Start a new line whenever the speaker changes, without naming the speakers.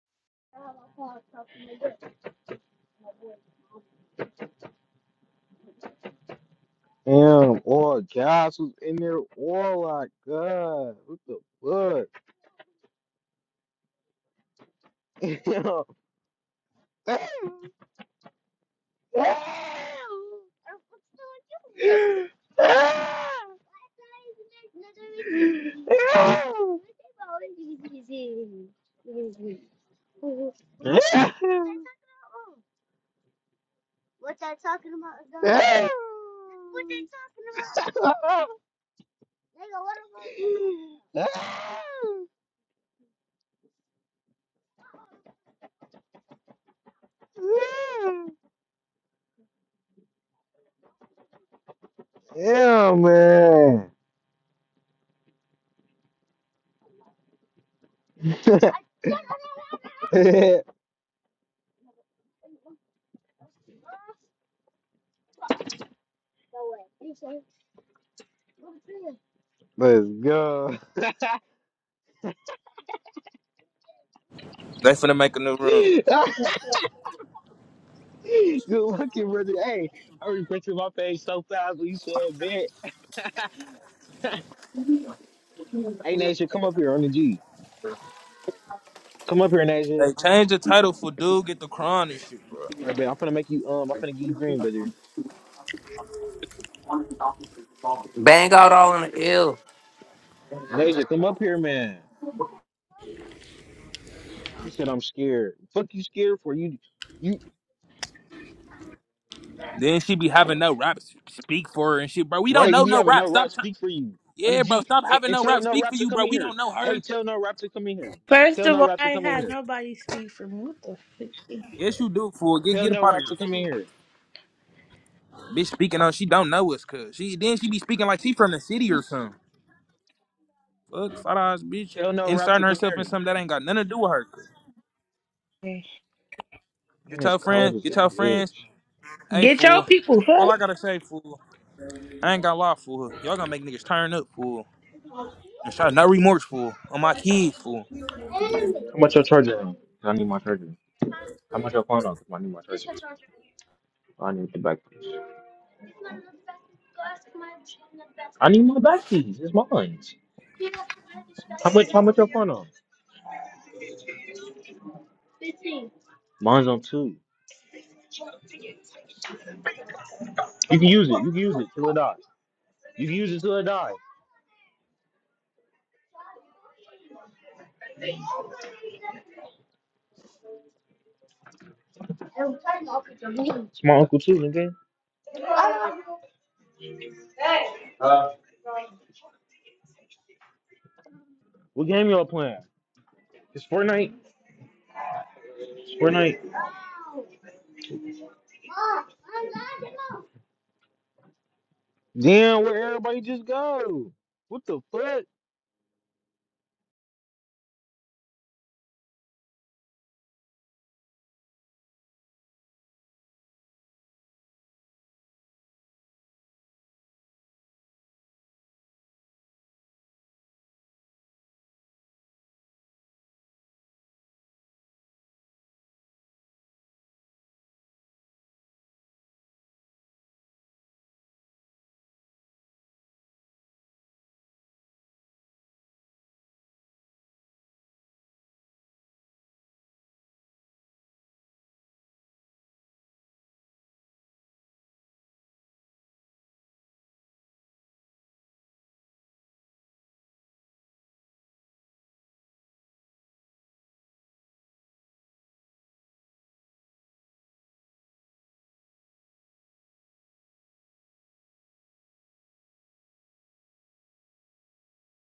Damn, or guys who's in there, or like, God, what the fuck? What they talking about? is what they're talking about. Damn, man. Let's go.
They finna make a new room.
Good looking, brother. Hey, I regret my face so fast when you said bet. hey, Nation, come up here on the G. Come up here, Nation.
Hey, change the title for dude get the crown and shit, bro.
All right, man, I'm finna make you, um, I'm finna give you green, brother.
Bang out all in the air.
Nation, come up here, man. She said, I'm scared. Fuck you scared for you. You,
Then she be having no rap s- speak for her and shit, bro. We don't
right, you
know
be
no
having
rap.
no rap
Stop. T-
speak for you on the
yeah, bro.
G.
Stop
And,
having
and
no
tell
rap
no
speak for
rap to
you,
come
bro.
in
We
here.
don't know her.
Hey, tell no rap to come in here.
First
Tell
of
no
all,
rap to
I
come in
had
here.
nobody speak for me. What the fuck?
Yes, you do, fool. Get
Tell
get up
no
out of
rap
here,
to come in
fool.
here.
Bitch speaking on she don't know us, cuz. She then she be speaking like she from the city or something. Fuck, fat ass bitch.
Tell no rap to
Inserting
come
herself
in
in
here.
something that ain't got nothing to do with her. cuz.
And
Get
it's
your
cold
friend,
as a
get your friends.
bitch.
Hey,
Get your
fool.
people. Fuck.
All I gotta say, fool, I ain't got to lie, fool. Y'all gonna make niggas turn up, fool. And shot not remorseful on my kids, fool.
How much your charger on? 'Cause I need my charger. How much your phone on? 'Cause I need my charger. I need the back piece. I need my back piece. It's mine. How much? How much your phone on? Mine's on two. You can use it. You can use it till it dies. You can use it till it dies. It's my uncle too, nigga. What game y'all playing? It's Fortnite. It's Fortnite. Damn, where everybody just go? What the fuck?